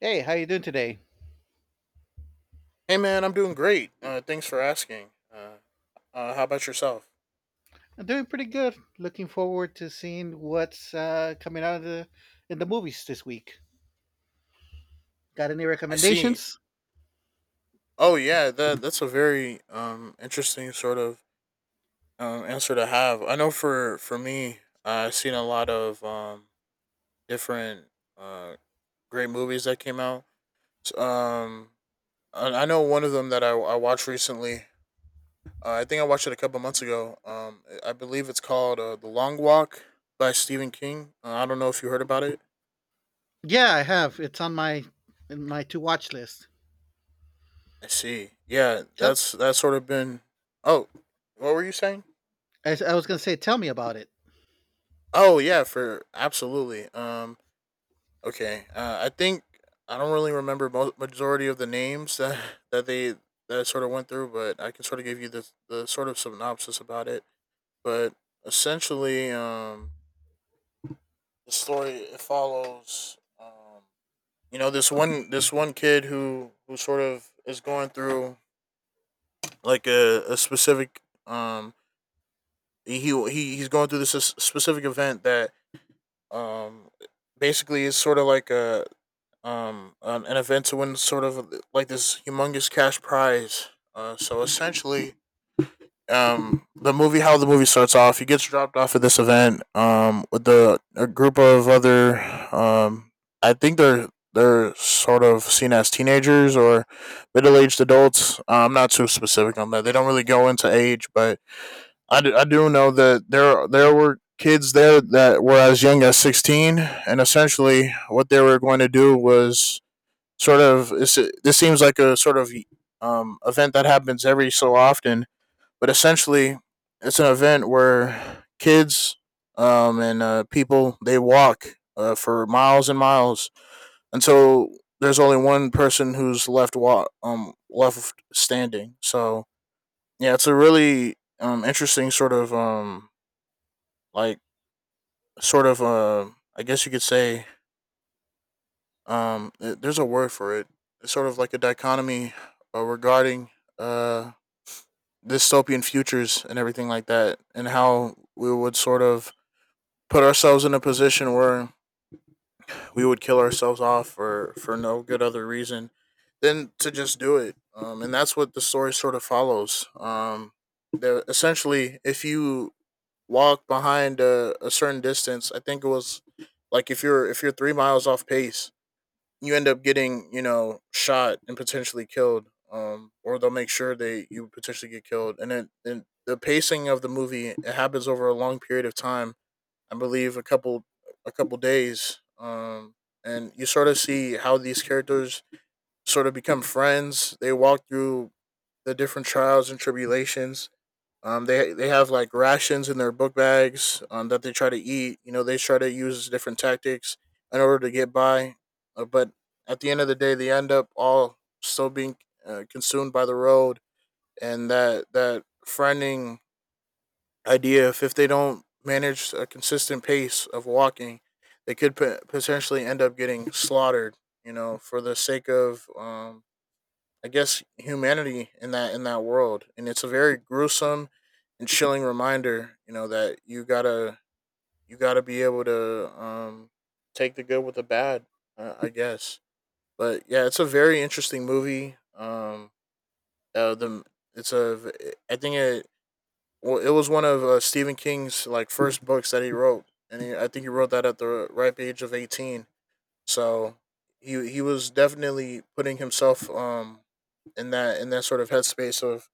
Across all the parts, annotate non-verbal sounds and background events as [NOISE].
Hey, how you doing today? Hey man, I'm doing great. Thanks for asking. Uh, how about yourself? I'm doing pretty good. Looking forward to seeing what's coming out of the in the movies this week. Got any I see. recommendations? Oh yeah, that's a very interesting sort of answer to have. I know for me, I've seen a lot of different uh great movies that came out. S- Um, I know one of them that I watched recently. I think I watched it a couple months ago. I believe it's called The Long Walk by Stephen King. I don't know if you heard about it. Yeah, I have. It's on my in my to watch list. I see. Yeah, Tell that's sort of been. Oh, what were you saying? I was gonna say, tell me about it. Oh yeah, for absolutely. Okay. I think I don't really remember majority of the names that [LAUGHS] that they that I sort of went through, but I can sort of give you the sort of synopsis about it. But essentially, the story it follows. You know this one kid who sort of is going through like a specific he he's going through this specific event that um basically is sort of like an event to win sort of like this humongous cash prize. So essentially, the movie how the movie starts off, he gets dropped off at this event with the a group of other um I think they're sort of seen as teenagers or middle aged adults. I'm not too specific on that. They don't really go into age, but I do know that there were kids there that were as young as 16, and essentially what they were going to do was sort of this, this seems like a sort of event that happens every so often, but essentially it's an event where kids, and people they walk for miles and miles until there's only one person who's left left standing. So yeah, it's a really interesting sort of like sort of, I guess you could say, there's a word for it. It's sort of like a dichotomy regarding uh dystopian futures and everything like that, and how we would sort of put ourselves in a position where we would kill ourselves off for no good other reason than to just do it. And that's what the story sort of follows. Essentially, if you walk behind a certain distance. I think it was like if you're 3 miles off pace, you end up getting shot and potentially killed. Or they'll make sure they you potentially get killed. And the pacing of the movie, it happens over a long period of time. I believe a couple days. And you sort of see how these characters sort of become friends. They walk through the different trials and tribulations, they have like rations in their book bags, that they try to eat. You know, they try to use different tactics in order to get by. But at the end of the day, they end up all still being consumed by the road and that friending idea. If they don't manage a consistent pace of walking, they could potentially end up getting slaughtered. You know, for the sake of, I guess humanity in that world, and it's a very gruesome and chilling reminder. You know that you gotta be able to, take the good with the bad, I [LAUGHS] guess. But yeah, it's a very interesting movie. The it's a I think it Well, it was one of Stephen King's like first books that he wrote, and I think he wrote that at the ripe age of 18. So he was definitely putting himself in that sort of headspace of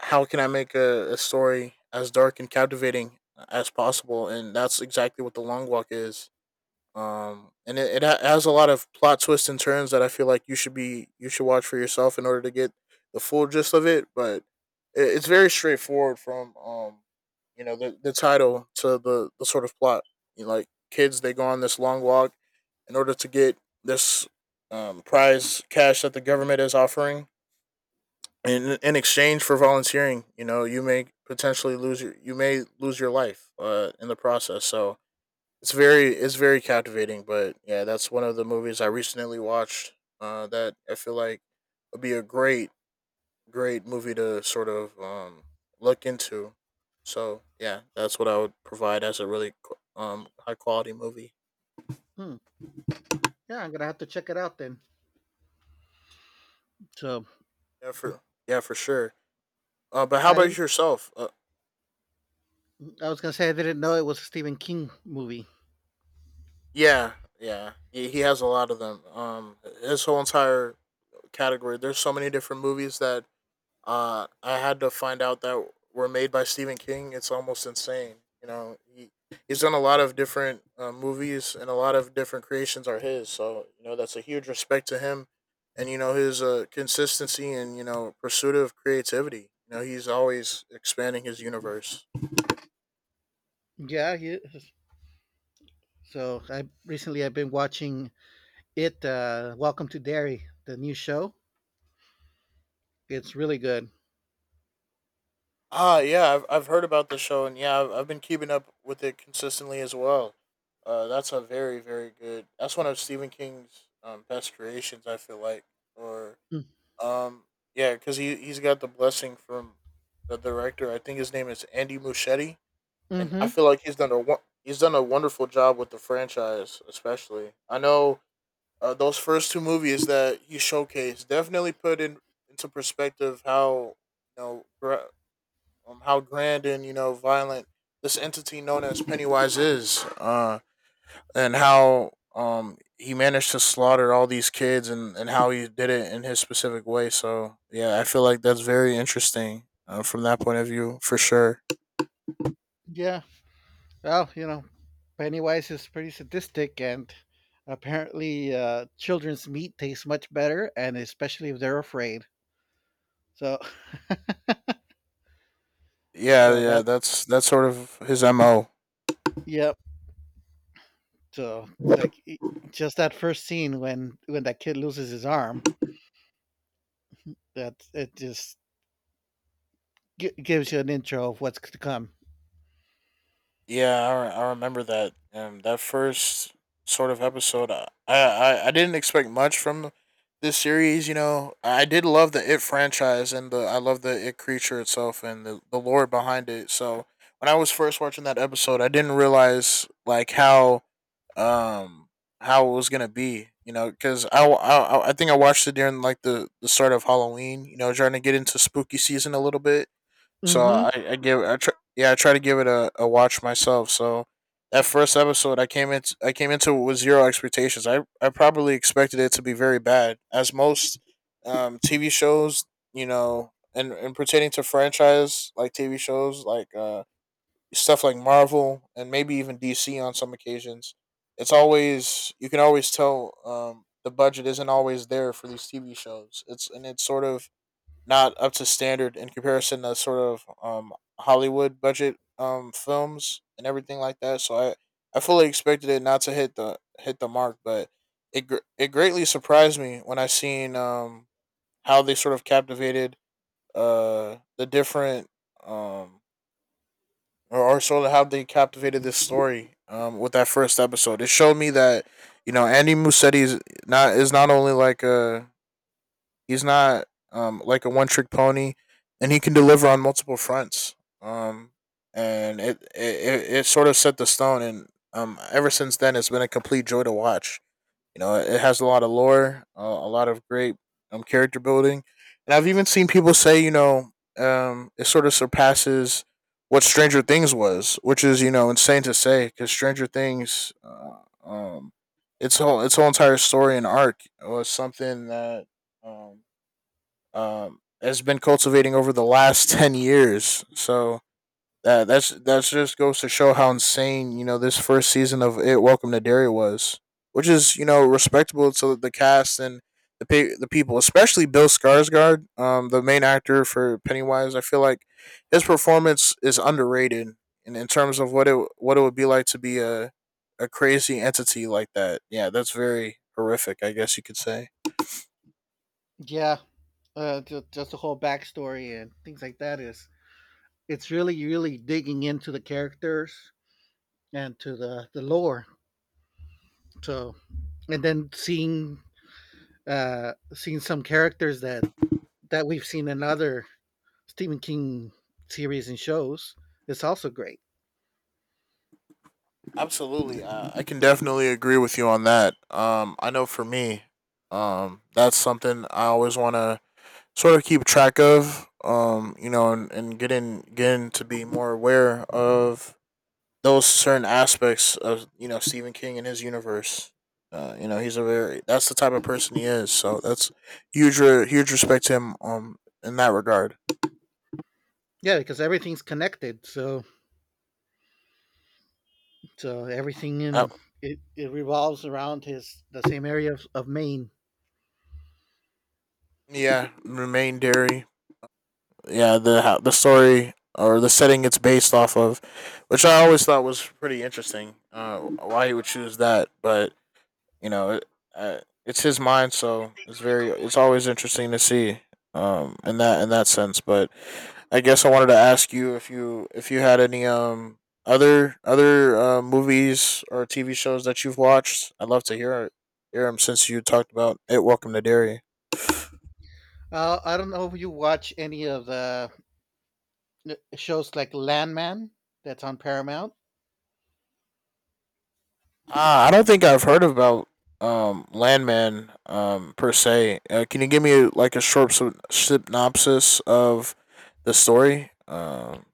how can I make a story as dark and captivating as possible, and that's exactly what The Long Walk is. And it has a lot of plot twists and turns that I feel like you should watch for yourself in order to get the full gist of it. But it's very straightforward from, you know, the title to the sort of plot. You know, like kids, they go on this long walk in order to get this prize cash that the government is offering. In exchange for volunteering, you know, you may potentially lose your you may lose your life in the process. So it's very captivating, but yeah, that's one of the movies I recently watched, that I feel like would be a great great movie to sort of, look into. So yeah, that's what I would provide as a really high quality movie. Hmm. Yeah, I'm gonna have to check it out then. So Yeah, for yeah, for sure. But how I about didn't. yourself? I was gonna say I didn't know it was a Stephen King movie. Yeah, yeah, he has a lot of them. His whole entire category. There's so many different movies that I had to find out that were made by Stephen King. It's almost insane. You know, he's done a lot of different movies, and a lot of different creations are his. So you know, that's a huge respect to him, and you know his consistency and you know pursuit of creativity. You know, he's always expanding his universe. Yeah, he is. So I recently I've been watching it. Welcome to Derry, the new show. It's really good. Ah, yeah, I've heard about the show, and yeah, I've been keeping up with it consistently as well. That's a very good. That's one of Stephen King's, best creations. I feel like, or, Um, yeah, because he's got the blessing from the director. I think his name is Andy Muschietti, and Mm-hmm. I feel like he's done a wonderful job with the franchise, especially. I know, those first two movies that he showcased definitely put in into perspective how, you know gra- how grand and you know violent this entity known as Pennywise is. And how he managed to slaughter all these kids, and how he did it in his specific way. So yeah, I feel like that's very interesting, from that point of view for sure. Yeah. Well, you know, Pennywise is pretty sadistic, and apparently, children's meat tastes much better, and especially if they're afraid. So, [LAUGHS] Yeah, so yeah, that, that's sort of his mo. yep. So it's like just that first scene when that kid loses his arm. That it just gives you an intro of what's to come. Yeah, I remember that. That first sort of episode, I didn't expect much from this series. You know, I did love the It franchise, and the I love the It creature itself and the lore behind it. So when I was first watching that episode, I didn't realize like how, um how it was gonna be. You know, because I think I watched it during like the start of Halloween. You know, trying to get into spooky season a little bit. So Mm-hmm. I give I try, yeah, I try to give it a watch myself. So that first episode I came into it with zero expectations. I probably expected it to be very bad, as most, TV shows you know, and pertaining to franchise like TV shows like, stuff like Marvel and maybe even DC on some occasions. It's always You can always tell, the budget isn't always there for these TV shows. It's sort of not up to standard in comparison to sort of Hollywood budget films and everything like that. So I fully expected it not to hit the mark, but it greatly surprised me when I seen how they sort of captivated uh the different um or sort of how they captivated this story with that first episode. It showed me that you know Andy Muschietti is not only like a, He's not like a one trick pony, and he can deliver on multiple fronts. Um, and it, it sort of set the stone, and, ever since then, it's been a complete joy to watch. You know, it has a lot of lore, a lot of great, character building, and I've even seen people say, you know, it sort of surpasses what Stranger Things was, which is you know insane to say because Stranger Things, um, its whole entire story and arc was something that, um, has been cultivating over the last [LAUGHS] 10 years. So that's just goes to show how insane you know this first season of it Welcome to Derry was, which is you know respectable to the cast and the people, especially Bill Skarsgård, the main actor for Pennywise. I feel like his performance is underrated in terms of what it would be like to be a crazy entity like that. Yeah, that's very horrific, I guess you could say. Yeah. Just the whole backstory and things like that is it's really really digging into the characters and to the lore. So and then seeing seen some characters that that we've seen in other Stephen King series and shows. It's also great. Absolutely, I can definitely agree with you on that. I know for me, that's something I always want to sort of keep track of. You know, and getting to be more aware of those certain aspects of you know Stephen King and his universe. You know, he's a very that's the type of person he is. So that's huge, huge respect to him. In that regard, Yeah, because everything's connected. So so everything uh, in it revolves around his the same area of Maine. yeah, remain dairy. Yeah, the story or the setting it's based off of, which I always thought was pretty interesting. Why he would choose that, but you know, uh, it's his mind, so it's very it's always interesting to see. In that in that sense, but I guess I wanted to ask you if you if you had any other movies or TV shows that you've watched. I'd love to hear them since you talked about it. Welcome to Derry. I don't know if you watch any of the shows like Landman that's on Paramount. Ah, I don't think I've heard about Landman per se. Can you give me like a short synopsis of the story?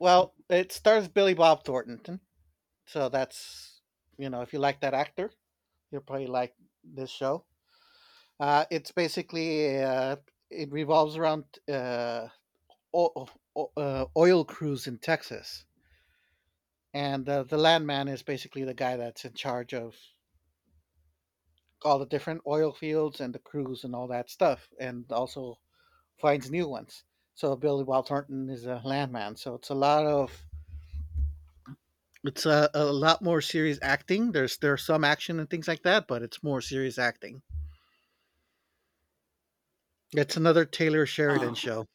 Well, it stars Billy Bob Thornton, so that's you know if you like that actor, you'll probably like this show. It's basically it revolves around uh, o- oil crews in Texas, and the landman is basically the guy that's in charge of all the different oil fields and the crews and all that stuff, and also finds new ones. So Billy Bob Thornton is a landman. So it's a lot of it's a lot more serious acting. There's some action and things like that, but it's more serious acting. It's another Taylor Sheridan uh, show.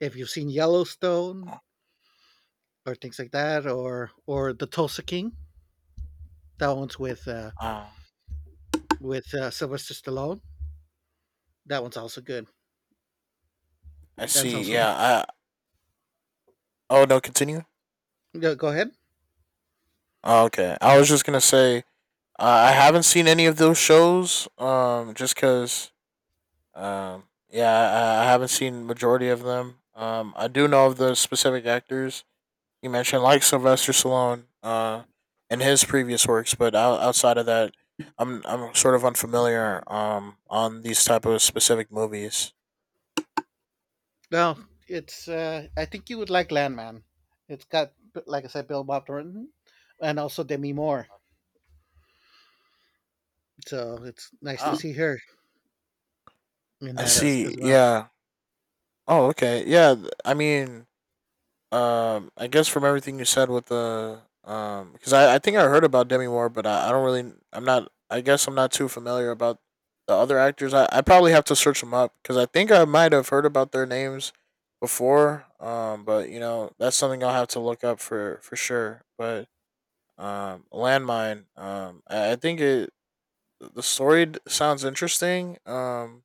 If you've seen Yellowstone, or things like that, or the Tulsa King. That one's with uh, Sylvester Stallone. That one's also good. I That's see. also Yeah. I Oh no, continue. Go ahead. Oh, okay. I was just gonna say I haven't seen any of those shows. Just cause yeah, I haven't seen majority of them. I do know of the specific actors you mentioned, like Sylvester Stallone, and his previous works. But outside of that, I'm sort of unfamiliar on these type of specific movies. No, it's I think you would like Landman. It's got like I said, Bill Bob Thornton, and also Demi Moore. So it's nice to Oh, see her in I that see. as well. Yeah. Oh, okay. Yeah. I mean, I guess from everything you said with the because I think I heard about Demi Moore, but I don't really I guess I'm not too familiar about the other actors. I probably have to search them up because I think I might have heard about their names before. But you know that's something I'll have to look up for sure. But landmine. I think it the story sounds interesting.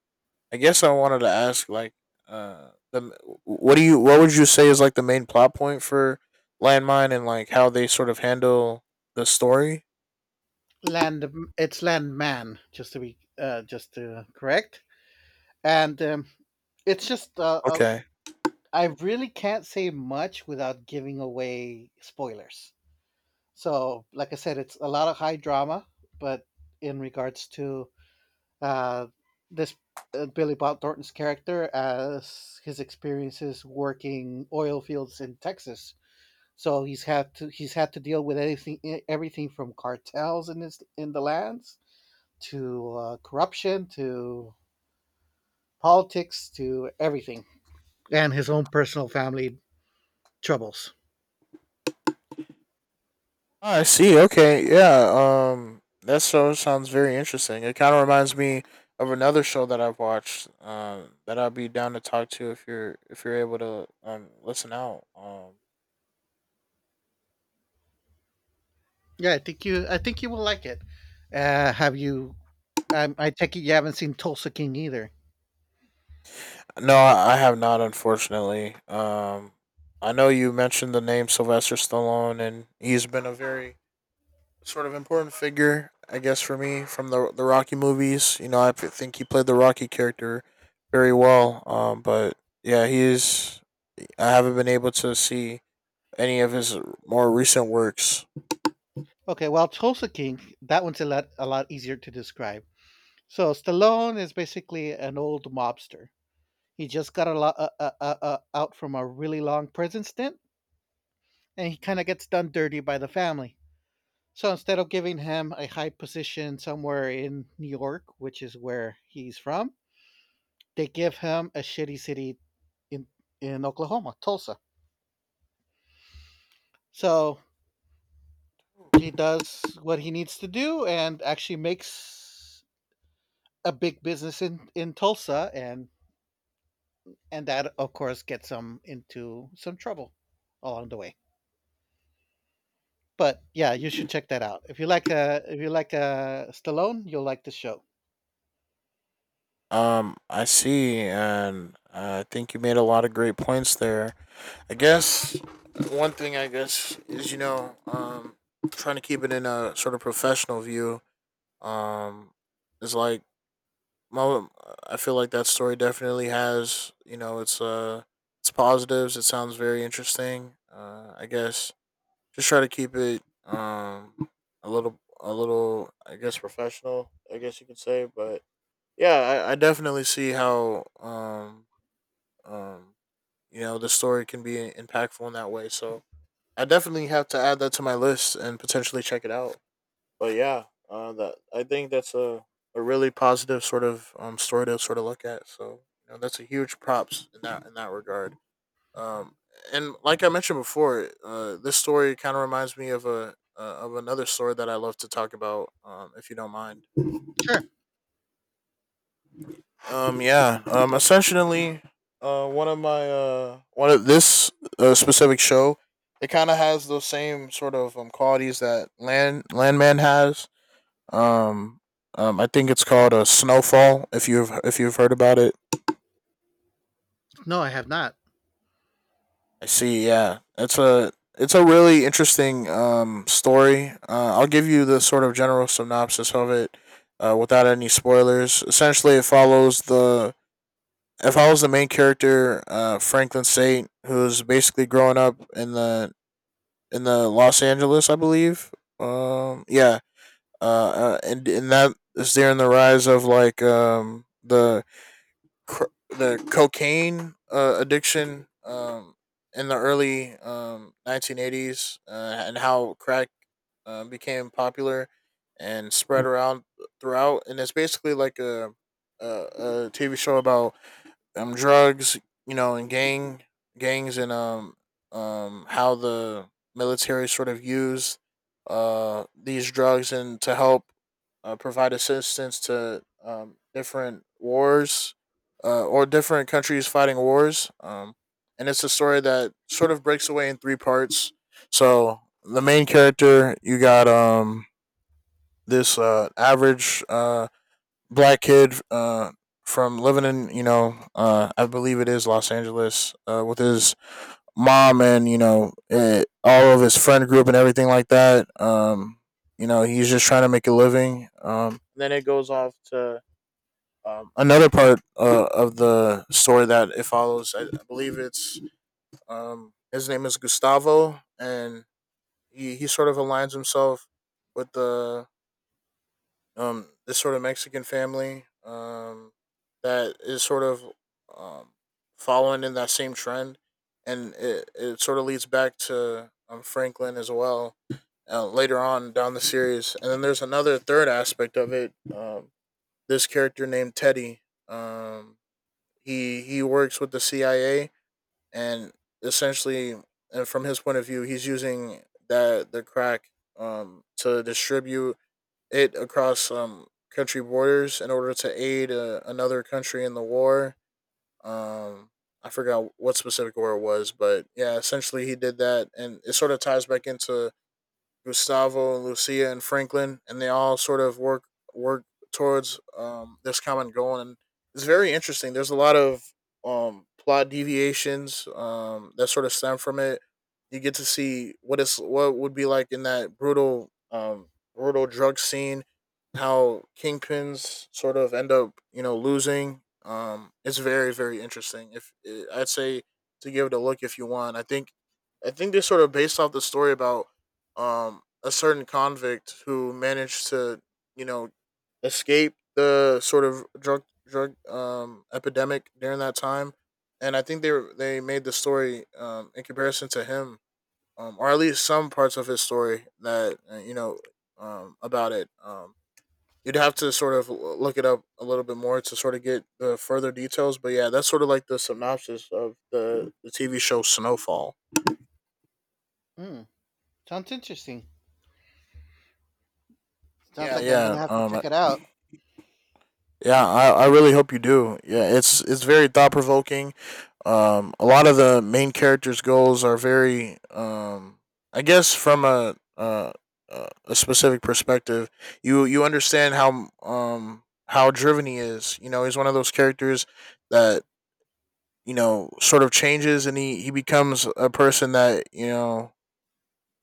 I guess I wanted to ask, like, the what do you what would you say is like the main plot point for Landmine and like how they sort of handle the story? Land It's Landman, just to be just to correct, and it's just Okay. I really can't say much without giving away spoilers. So, like I said, it's a lot of high drama, but in regards to uh, this Billy Bob Thornton's character as his experiences working oil fields in Texas. So he's had to deal with anything everything from cartels in his in the lands to corruption to politics to everything and his own personal family troubles. Ah, I see. Okay, yeah. That show sounds very interesting. It kind of reminds me of another show that I've watched, that I'd be down to talk to if you're able to listen out. Yeah, I think you will like it. Have you I take it you haven't seen Tulsa King either. No, I have not, unfortunately. I know you mentioned the name Sylvester Stallone, and he's been a very sort of important figure, I guess, for me from the Rocky movies. You know, I think he played the Rocky character very well. But yeah, he is. I haven't been able to see any of his more recent works. Okay, well, Tulsa King, that one's a lot easier to describe. So Stallone is basically an old mobster. He just got a lot out from a really long prison stint, and he kind of gets done dirty by the family. So instead of giving him a high position somewhere in New York, which is where he's from, they give him a shitty city in in Oklahoma, Tulsa. So he does what he needs to do and actually makes a big business in Tulsa, and that of course gets them into some trouble along the way. But yeah, you should check that out. If you like Stallone, you'll like the show. I see, and I think you made a lot of great points there. I guess one thing I guess is you know, trying to keep it in a sort of professional view. Um, is like mo- I feel like that story definitely has you know its positives. It sounds very interesting. I guess just try to keep it a little I guess professional, I guess you could say, but yeah, I definitely see how um you know the story can be impactful in that way. So I definitely have to add that to my list and potentially check it out. But yeah, that I think that's a really positive sort of story to sort of look at. So you know that's a huge props in that regard. Um, and like I mentioned before, this story kind of reminds me of a of another story that I love to talk about, if you don't mind. Sure. Yeah. Essentially, one of my one of this specific show, it kind of has those same sort of qualities that Landman has. Um, I think it's called a Snowfall, if you've if you've heard about it. No, I have not. I see. Yeah, it's a really interesting story. I'll give you the sort of general synopsis of it, without any spoilers. Essentially, it follows the if I was the main character, Franklin State, who's basically growing up in the Los Angeles, I believe. Yeah, and that is during the rise of like the the cocaine addiction in the early 1980s, and how crack became popular and spread around throughout. And it's basically like a TV show about drugs, you know, and gangs, and how the military sort of used these drugs and to help provide assistance to different wars or different countries fighting wars. And it's a story that sort of breaks away in three parts. So the main character, you got this average black kid, from living in you know I believe it is Los Angeles, with his mom, and you know all of his friend group and everything like that. You know, he's just trying to make a living. Then it goes off to another part of the story that it follows. I believe it's his name is Gustavo, and he sort of aligns himself with the this sort of Mexican family that is sort of um following in that same trend, and it sort of leads back to Franklin as well later on down the series. And then there's another third aspect of it. This character named Teddy, um, he works with the CIA, and essentially, and from his point of view, he's using that the crack to distribute it across country borders in order to aid another country in the war. Um, I forgot what specific war it was, but yeah, essentially he did that, and it sort of ties back into Gustavo and Lucia and Franklin, and they all sort of work work towards this common goal. And it's very interesting. There's a lot of plot deviations that sort of stem from it. You get to see what is what would be like in that brutal drug scene, how kingpins sort of end up you know losing. It's very interesting. If eh, I'd say to give it a look if you want. I think they're sort of based off the story about a certain convict who managed to you know escape the sort of drug epidemic during that time. And I think they made the story in comparison to him, or at least some parts of his story that you know about it. You'd have to sort of look it up a little bit more to sort of get the further details. But yeah, that's sort of like the synopsis of the TV show Snowfall. Mm, sounds interesting. Sounds yeah like I'm gonna yeah have to um check it out. Yeah, I really hope you do. Yeah, it's very thought provoking. A lot of the main characters' goals are very, I guess, from a specific perspective. You understand how driven he is. You know, he's one of those characters that you know sort of changes, and he becomes a person that you know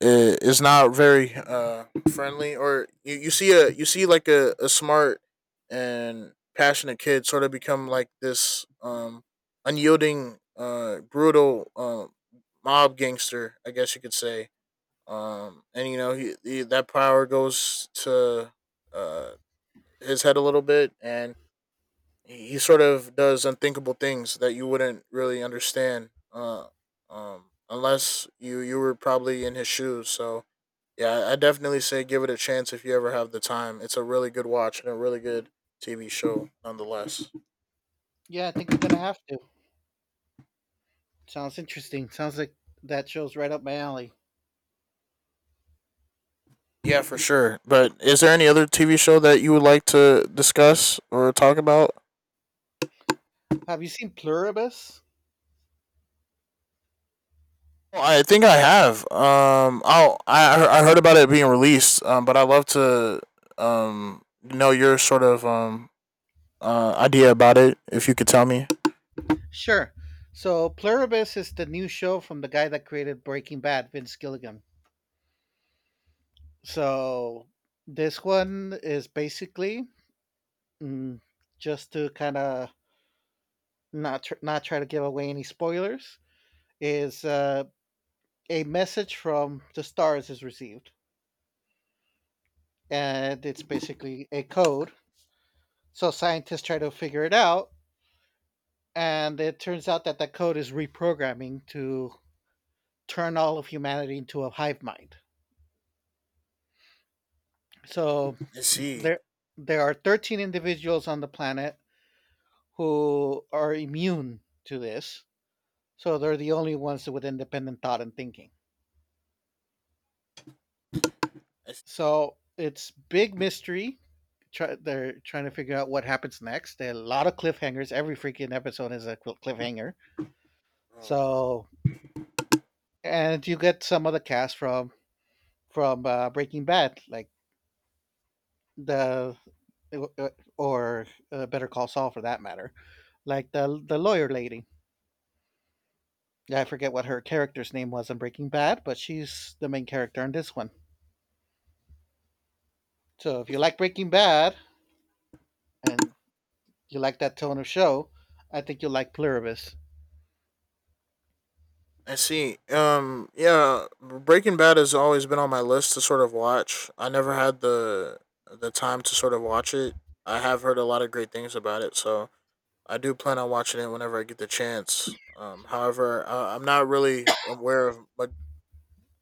is not very friendly. Or you see a like a smart and passionate kid sort of become like this unyielding brutal mob gangster, I guess you could say. And you know he that power goes to uh his head a little bit, and he sort of does unthinkable things that you wouldn't really understand unless you were probably in his shoes. So yeah, I definitely say give it a chance if you ever have the time. It's a really good watch and a really good TV show, nonetheless. Yeah, I think I'm gonna have to. Sounds interesting. Sounds like that show's right up my alley. Yeah, for sure. But is there any other TV show that you would like to discuss or talk about? Have you seen Pluribus? Well, I think I have. I heard about it being released. But I would love to know your sort of idea about it if you could tell me. Sure. So Pluribus is the new show from the guy that created Breaking Bad, Vince Gilligan. So this one is basically mm, just to kind of not try to give away any spoilers. Is a message from the stars is received, and it's basically a code. So scientists try to figure it out, and it turns out that that code is reprogramming to turn all of humanity into a hive mind. So I see. there there are 13 individuals on the planet who are immune to this. So they're the only ones with independent thought and thinking. I So it's big mystery. Try, they're trying to figure out what happens next. There are a lot of cliffhangers. Every freaking episode is a cliffhanger. So and you get some of the cast from Breaking Bad, like the uh, uh, or Better Call Saul for that matter, like the lawyer lady. Yeah, I forget what her character's name was in Breaking Bad, but she's the main character in this one. So if you like Breaking Bad and you like that tone of show, I think you'll like Pluribus. I see. Yeah, Breaking Bad has always been on my list to sort of watch. I never had the time to sort of watch it. I have heard a lot of great things about it, so I do plan on watching it whenever I get the chance. However,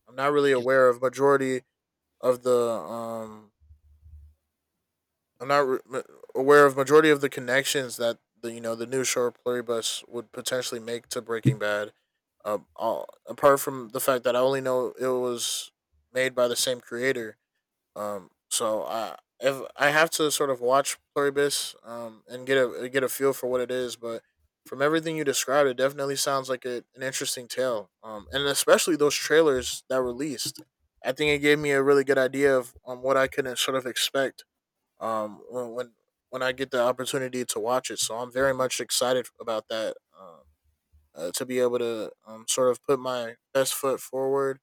I'm not really Excuse aware of majority of the I'm not re- aware of majority of the connections that the you know the new show Pluribus would potentially make to Breaking Bad. Apart from the fact that I only know it was made by the same creator. So I If I have to sort of watch Pluribus and get a feel for what it is, but from everything you described, it definitely sounds like an interesting tale. And especially those trailers that were released, I think it gave me a really good idea of what I could sort of expect um when when, when I get the opportunity to watch it. So I'm very much excited about that. To be able to sort of put my best foot forward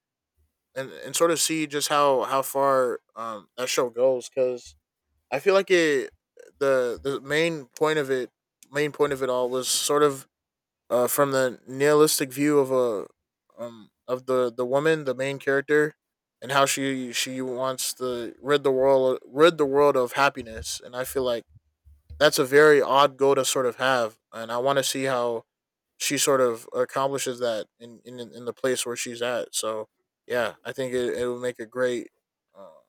and sort of see just how far that show goes because I feel like it the main point of it all was sort of from the nihilistic view of a of the woman, the main character, and how she wants to rid the world of happiness. And I feel like that's a very odd goal to sort of have, and I want to see how she sort of accomplishes that in in the place where she's at. So yeah, I think it would make uh,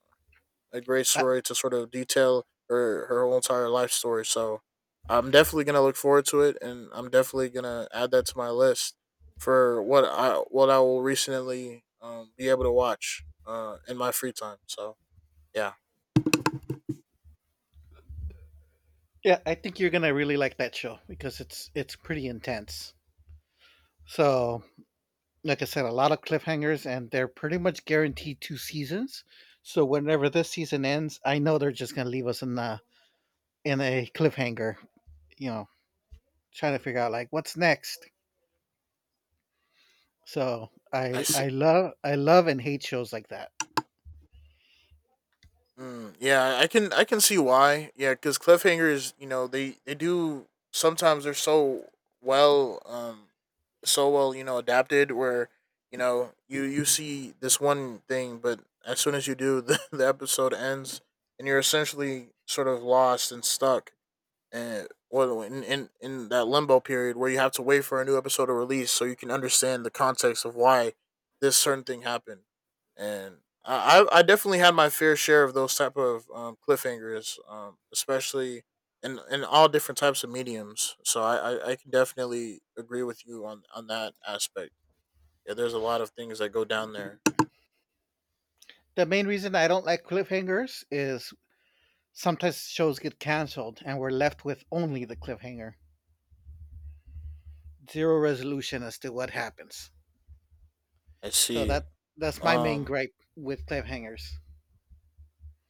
a great me. story to sort of detail her whole entire life story. So I'm definitely gonna look forward to it, and I'm definitely gonna add that to my list for what I will recently be able to watch in my free time. So yeah, Yeah, I think you're gonna really like that show because it's pretty intense. So, like I said, a lot of cliffhangers, and they're pretty much guaranteed two seasons. So whenever this season ends, I know they're just gonna leave us in a cliffhanger. You know, trying to figure out like what's next. So I I love and hate shows like that. Yeah, I can see why. Yeah, because cliffhangers, you know, they do sometimes, they're so well, so well, you know, adapted where you know you see this one thing, but as soon as you do, [LAUGHS] the episode ends, and you're essentially sort of lost and stuck and well, in that limbo period where you have to wait for a new episode to release so you can understand the context of why this certain thing happened. And I definitely had my fair share of those type of cliffhangers, especially in all different types of mediums. So I can definitely agree with you on that aspect. Yeah, there's a lot of things that go down there. The main reason I don't like cliffhangers is sometimes shows get canceled and we're left with only the cliffhanger, zero resolution as to what happens. I So see. that that's my main Um, gripe with cliffhangers.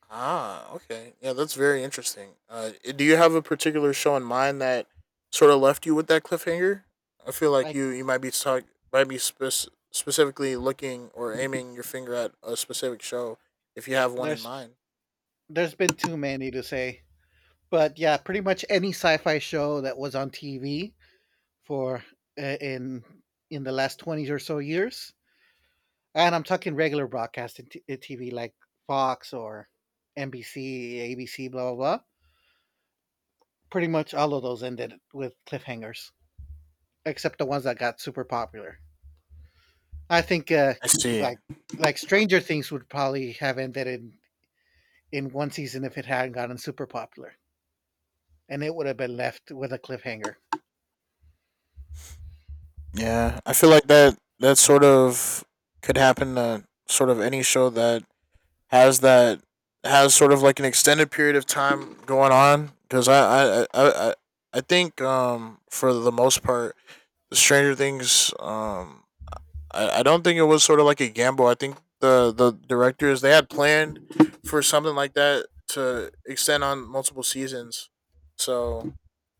Okay. Yeah, that's very interesting. Do you have a particular show in mind that sort of left you with that cliffhanger? I feel like like you might be talk might be specifically looking or aiming your finger at a specific show if you have one in there's mind. there's been too many to say, but yeah, pretty much any sci-fi show that was on TV for uh, in in the last 20 or so years. And I'm talking regular broadcasting TV, like Fox or NBC, ABC, blah blah blah. Pretty much all of those ended with cliffhangers except the ones that got super popular. I think I see. like like Stranger Things would probably have ended in one season if it hadn't gotten super popular, and it would have been left with a cliffhanger. Yeah, I feel like that that sort of could happen to sort of any show that has that has sort of like an extended period of time going on because I think for the most part, the Stranger Things. I don't think it was sort of like a gamble. I think the directors, they had planned for something like that to extend on multiple seasons. So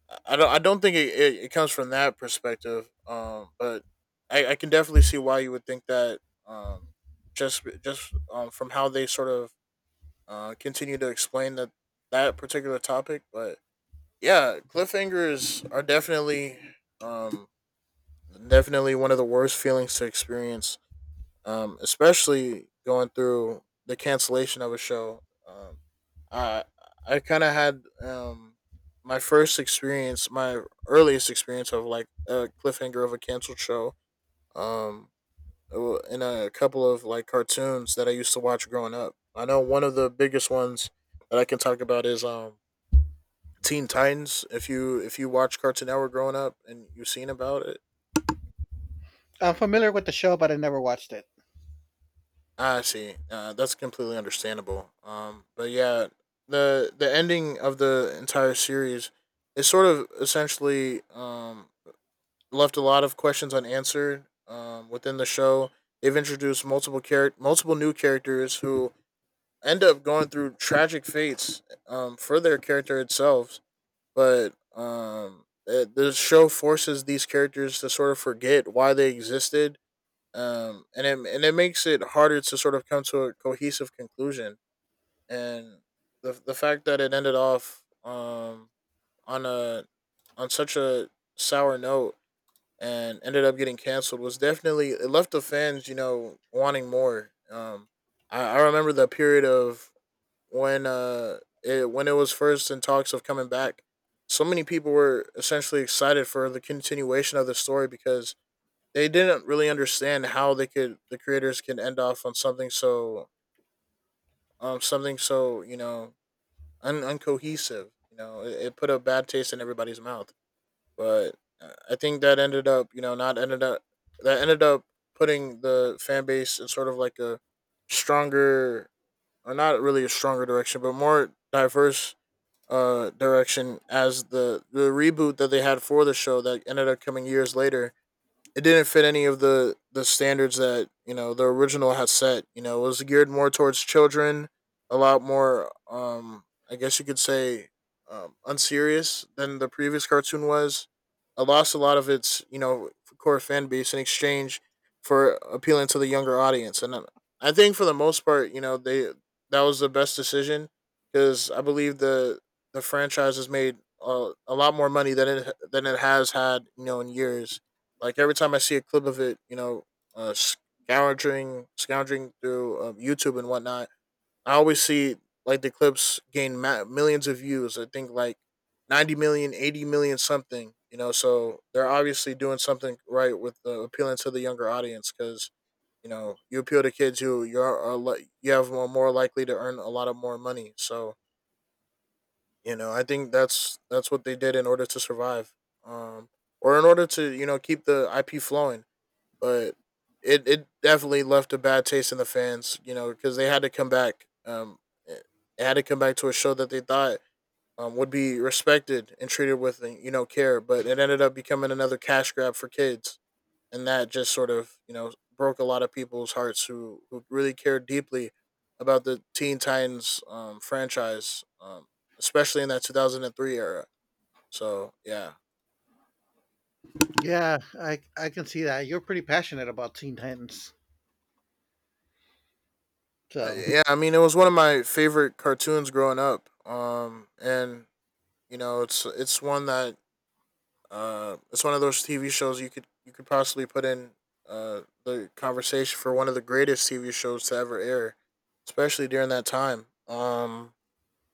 I don't think it comes from that perspective. But I can definitely see why you would think that. Um, just from how they sort of continue to explain that that particular topic, but yeah, cliffhangers are definitely um definitely one of the worst feelings to experience, especially going through the cancellation of a show. Um, I I kind of had my first experience, my earliest experience of like a cliffhanger of a canceled show. Um, in a couple of like cartoons that I used to watch growing up. I know one of the biggest ones that I can talk about is Teen Titans. If you watch Cartoon Network growing up and you've seen about it. I'm familiar with the show, but I never watched it. I see. That's completely understandable. But yeah, the ending of the entire series is sort of essentially left a lot of questions unanswered within the show. They've introduced multiple new characters who end up going through tragic fates for their character itself. But the show forces these characters to sort of forget why they existed, and it makes it harder to sort of come to a cohesive conclusion. And the fact that it ended off, on a on such a sour note and ended up getting canceled, was definitely, it left the fans, you know, wanting more. I remember the period of when it when it was first in talks of coming back. So many people were essentially excited for the continuation of the story because they didn't really understand how the creators can end off on something so something so, you know, uncohesive, you know, it put a bad taste in everybody's mouth. But I think that ended up you know not ended up that ended up putting the fan base in sort of like a stronger, or not really a stronger direction, but more diverse direction, as the reboot that they had for the show that ended up coming years later, it didn't fit any of the standards that, you know, the original had set. You know, it was geared more towards children, a lot more. I guess you could say, unserious than the previous cartoon was. It lost a lot of its, you know, core fan base in exchange for appealing to the younger audience, and I think for the most part, you know, they that was the best decision because I believe the franchise has made a lot more money than it has had, you know, in years. Like every time I see a clip of it, you know, scourging through, YouTube and whatnot, I always see like the clips gain millions of views. I think like 90 million, 80 million, something, you know, so they're obviously doing something right with the appealing to the younger audience because, you know, you appeal to kids who you have more likely to earn a lot of more money. So, you know, I think that's what they did in order to survive. Um or in order to, you know, keep the IP flowing, but it definitely left a bad taste in the fans, you know, because they had to come back. It had to come back to a show that they thought would be respected and treated with, you know, care, but it ended up becoming another cash grab for kids, and that just sort of, you know, broke a lot of people's hearts who really cared deeply about the Teen Titans, franchise, especially in that 2003 era. So yeah. Yeah, I can see that. You're pretty passionate about Teen Titans, so Yeah. I mean, it was one of my favorite cartoons growing up. And You know, it's one that, it's one of those TV shows you could possibly put in, the conversation for one of the greatest TV shows to ever air, especially during that time.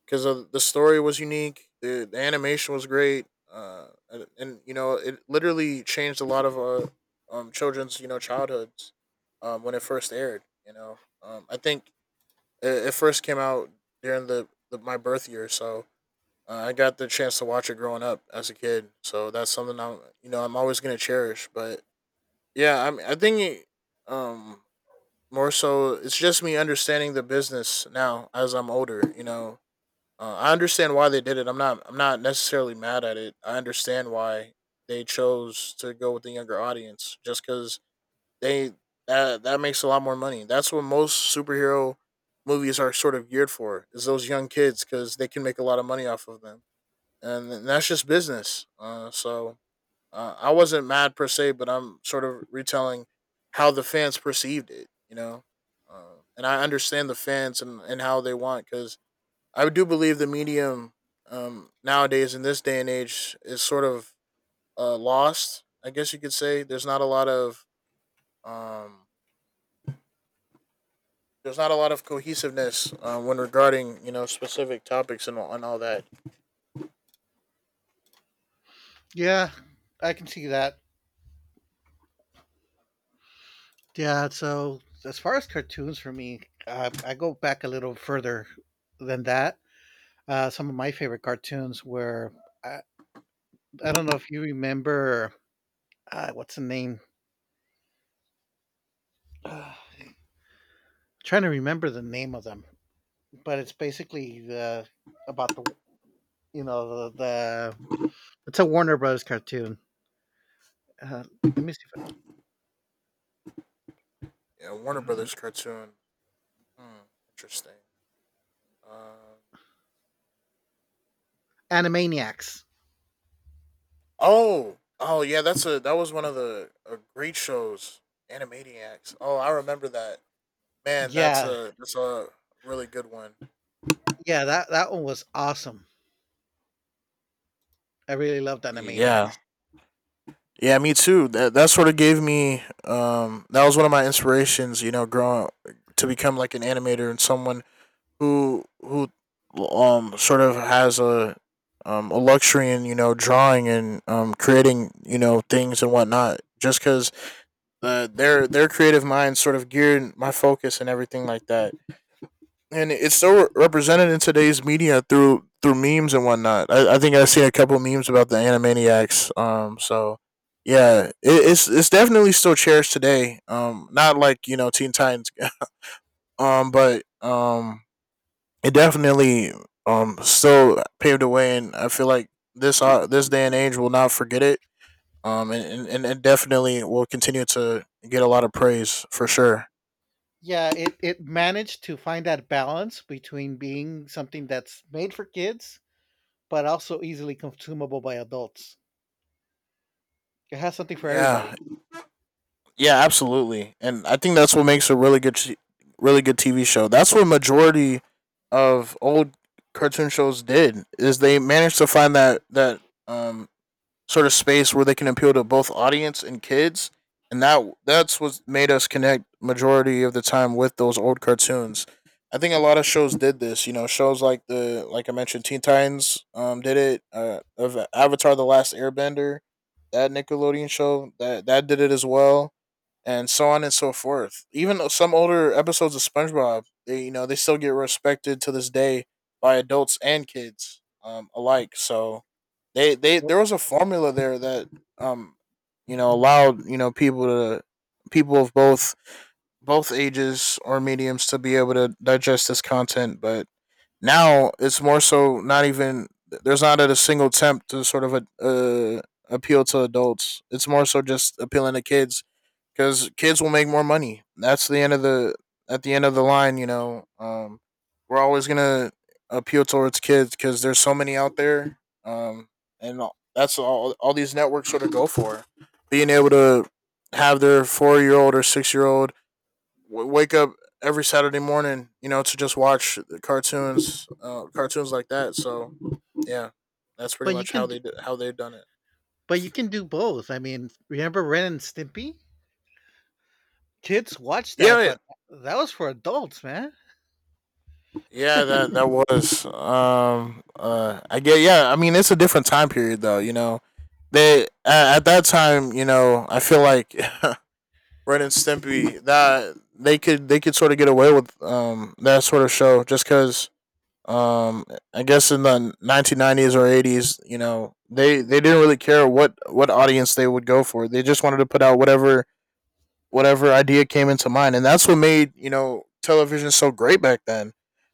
Because the story was unique, the animation was great, and you know it literally changed a lot of children's, you know, childhoods, when it first aired. You know, I think it first came out during the my birth year, so I got the chance to watch it growing up as a kid, so that's something I'm, you know, I'm always gonna cherish. But yeah, I mean, I think um more so it's just me understanding the business now as I'm older. You know, I understand why they did it. I'm not necessarily mad at it. I understand why they chose to go with the younger audience just because they that that makes a lot more money. That's what most superhero movies are sort of geared for, is those young kids because they can make a lot of money off of them, and that's just business. I wasn't mad per se, but I'm sort of retelling how the fans perceived it, you know. And I understand the fans, and how they want, because I do believe the medium, nowadays in this day and age, is sort of, lost. I guess you could say there's not a lot of um, there's not a lot of cohesiveness when regarding you know specific topics and all that. yeah, I can see that. Yeah, so as far as cartoons for me, I go back a little further than that. Some of my favorite cartoons were I, I don't know if you remember what's the name? [SIGHS] Uh, I'm trying to remember the name of them, but it's basically the about the you know the it's a Warner Brothers cartoon. Uh, let me see. Yeah, If Warner I, Brothers cartoon. Hmm, interesting. Um, Animaniacs. Oh, oh yeah, that was one of the great shows, Animaniacs. Oh, I remember that. Man, Yeah, that's a really good one. yeah, that that one was awesome. I really loved Yeah. Animaniacs. Yeah, me too. That sort of gave me, that was one of my inspirations, you know, growing to become like an animator and someone who sort of has a, a luxury in, you know, drawing and creating, you know, things and whatnot. Just cuz their creative minds sort of geared my focus and everything like that. And it's so represented in today's media through memes and whatnot. I think I've seen a couple memes about the Animaniacs. So yeah, it's definitely still cherished today. Not like you know Teen Titans. [LAUGHS] But it definitely, still paved the way, and I feel like this day and age will not forget it. And definitely will continue to get a lot of praise for sure. Yeah, it managed to find that balance between being something that's made for kids but also easily consumable by adults. It has something for everybody. Yeah, yeah, absolutely. And I think that's what makes a really good TV show. That's what majority of old cartoon shows did is they managed to find that um sort of space where they can appeal to both audience and kids, and that's what made us connect majority of the time with those old cartoons. I think a lot of shows did this. You know, shows like the like I mentioned, Teen Titans did it. Of Avatar: The Last Airbender, that Nickelodeon show that did it as well and so on and so forth. Even though some older episodes of SpongeBob, they you know they still get respected to this day by adults and kids alike. So they there was a formula there that, um you know allowed you know people to, people of both ages or mediums to be able to digest this content, but now it's more so not even, there's not a single attempt to appeal to adults. It's more so just appealing to kids because kids will make more money. That's the end of the at the end of the line. You know, we're always gonna appeal towards kids because there's so many out there, um, and that's all these networks sort of go for, being able to have their 4 year old or 6 year old wake up every Saturday morning, you know, to just watch the cartoons, cartoons like that. So, yeah, that's pretty But you much can how they've done it. But you can do both. I mean, remember Ren and Stimpy? Kids watch that, Yeah, but that was for adults, man. yeah, that that was. I get. Yeah, I mean, it's a different time period, though. You know, at that time, you know, I feel like [LAUGHS] Ren and Stimpy, that they could sort of get away with that sort of show just because, um I guess in the 1990s or eighties, you know, they didn't really care what audience they would go for. They just wanted to put out whatever idea came into mind, and that's what made, you know, television so great back then.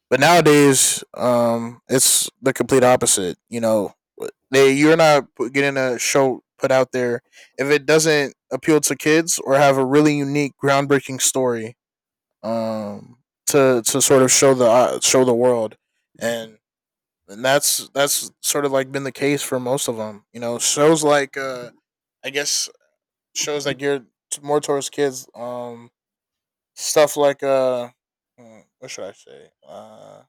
But nowadays, it's the complete opposite. You know, they you're not getting a show put out there if it doesn't appeal to kids or have a really unique, groundbreaking story. To sort of show the world, and and that's sort of like been the case for most of them. You know, shows like I guess shows that geared more towards kids. Stuff like what should I say?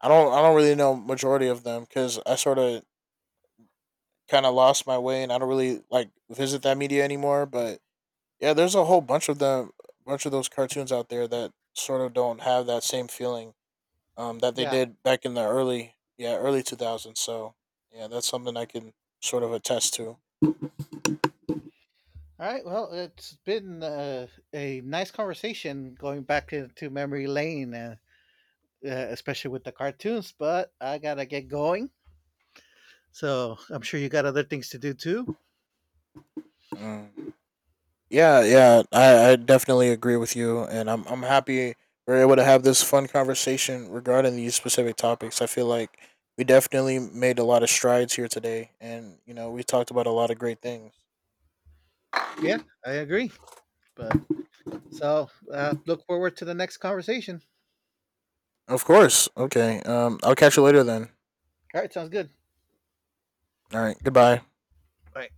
I don't really know majority of them because I sort of kind of lost my way and I don't really like visit that media anymore. But yeah, there's a whole bunch of them, bunch of those cartoons out there that sort of don't have that same feeling that they Yeah. did back in the early 2000s. So yeah, that's something I can sort of attest to. All right. Well, it's been a nice conversation going back into memory lane, especially with the cartoons, but I got to get going. So I'm sure you got other things to do too. Mm. Yeah, yeah, I definitely agree with you, and I'm happy we're able to have this fun conversation regarding these specific topics. I feel like we definitely made a lot of strides here today, and you know we talked about a lot of great things. Yeah, I agree. But so look forward to the next conversation. Of course. Okay. Um, I'll catch you later then. All right. Sounds good. All right. Goodbye. All right.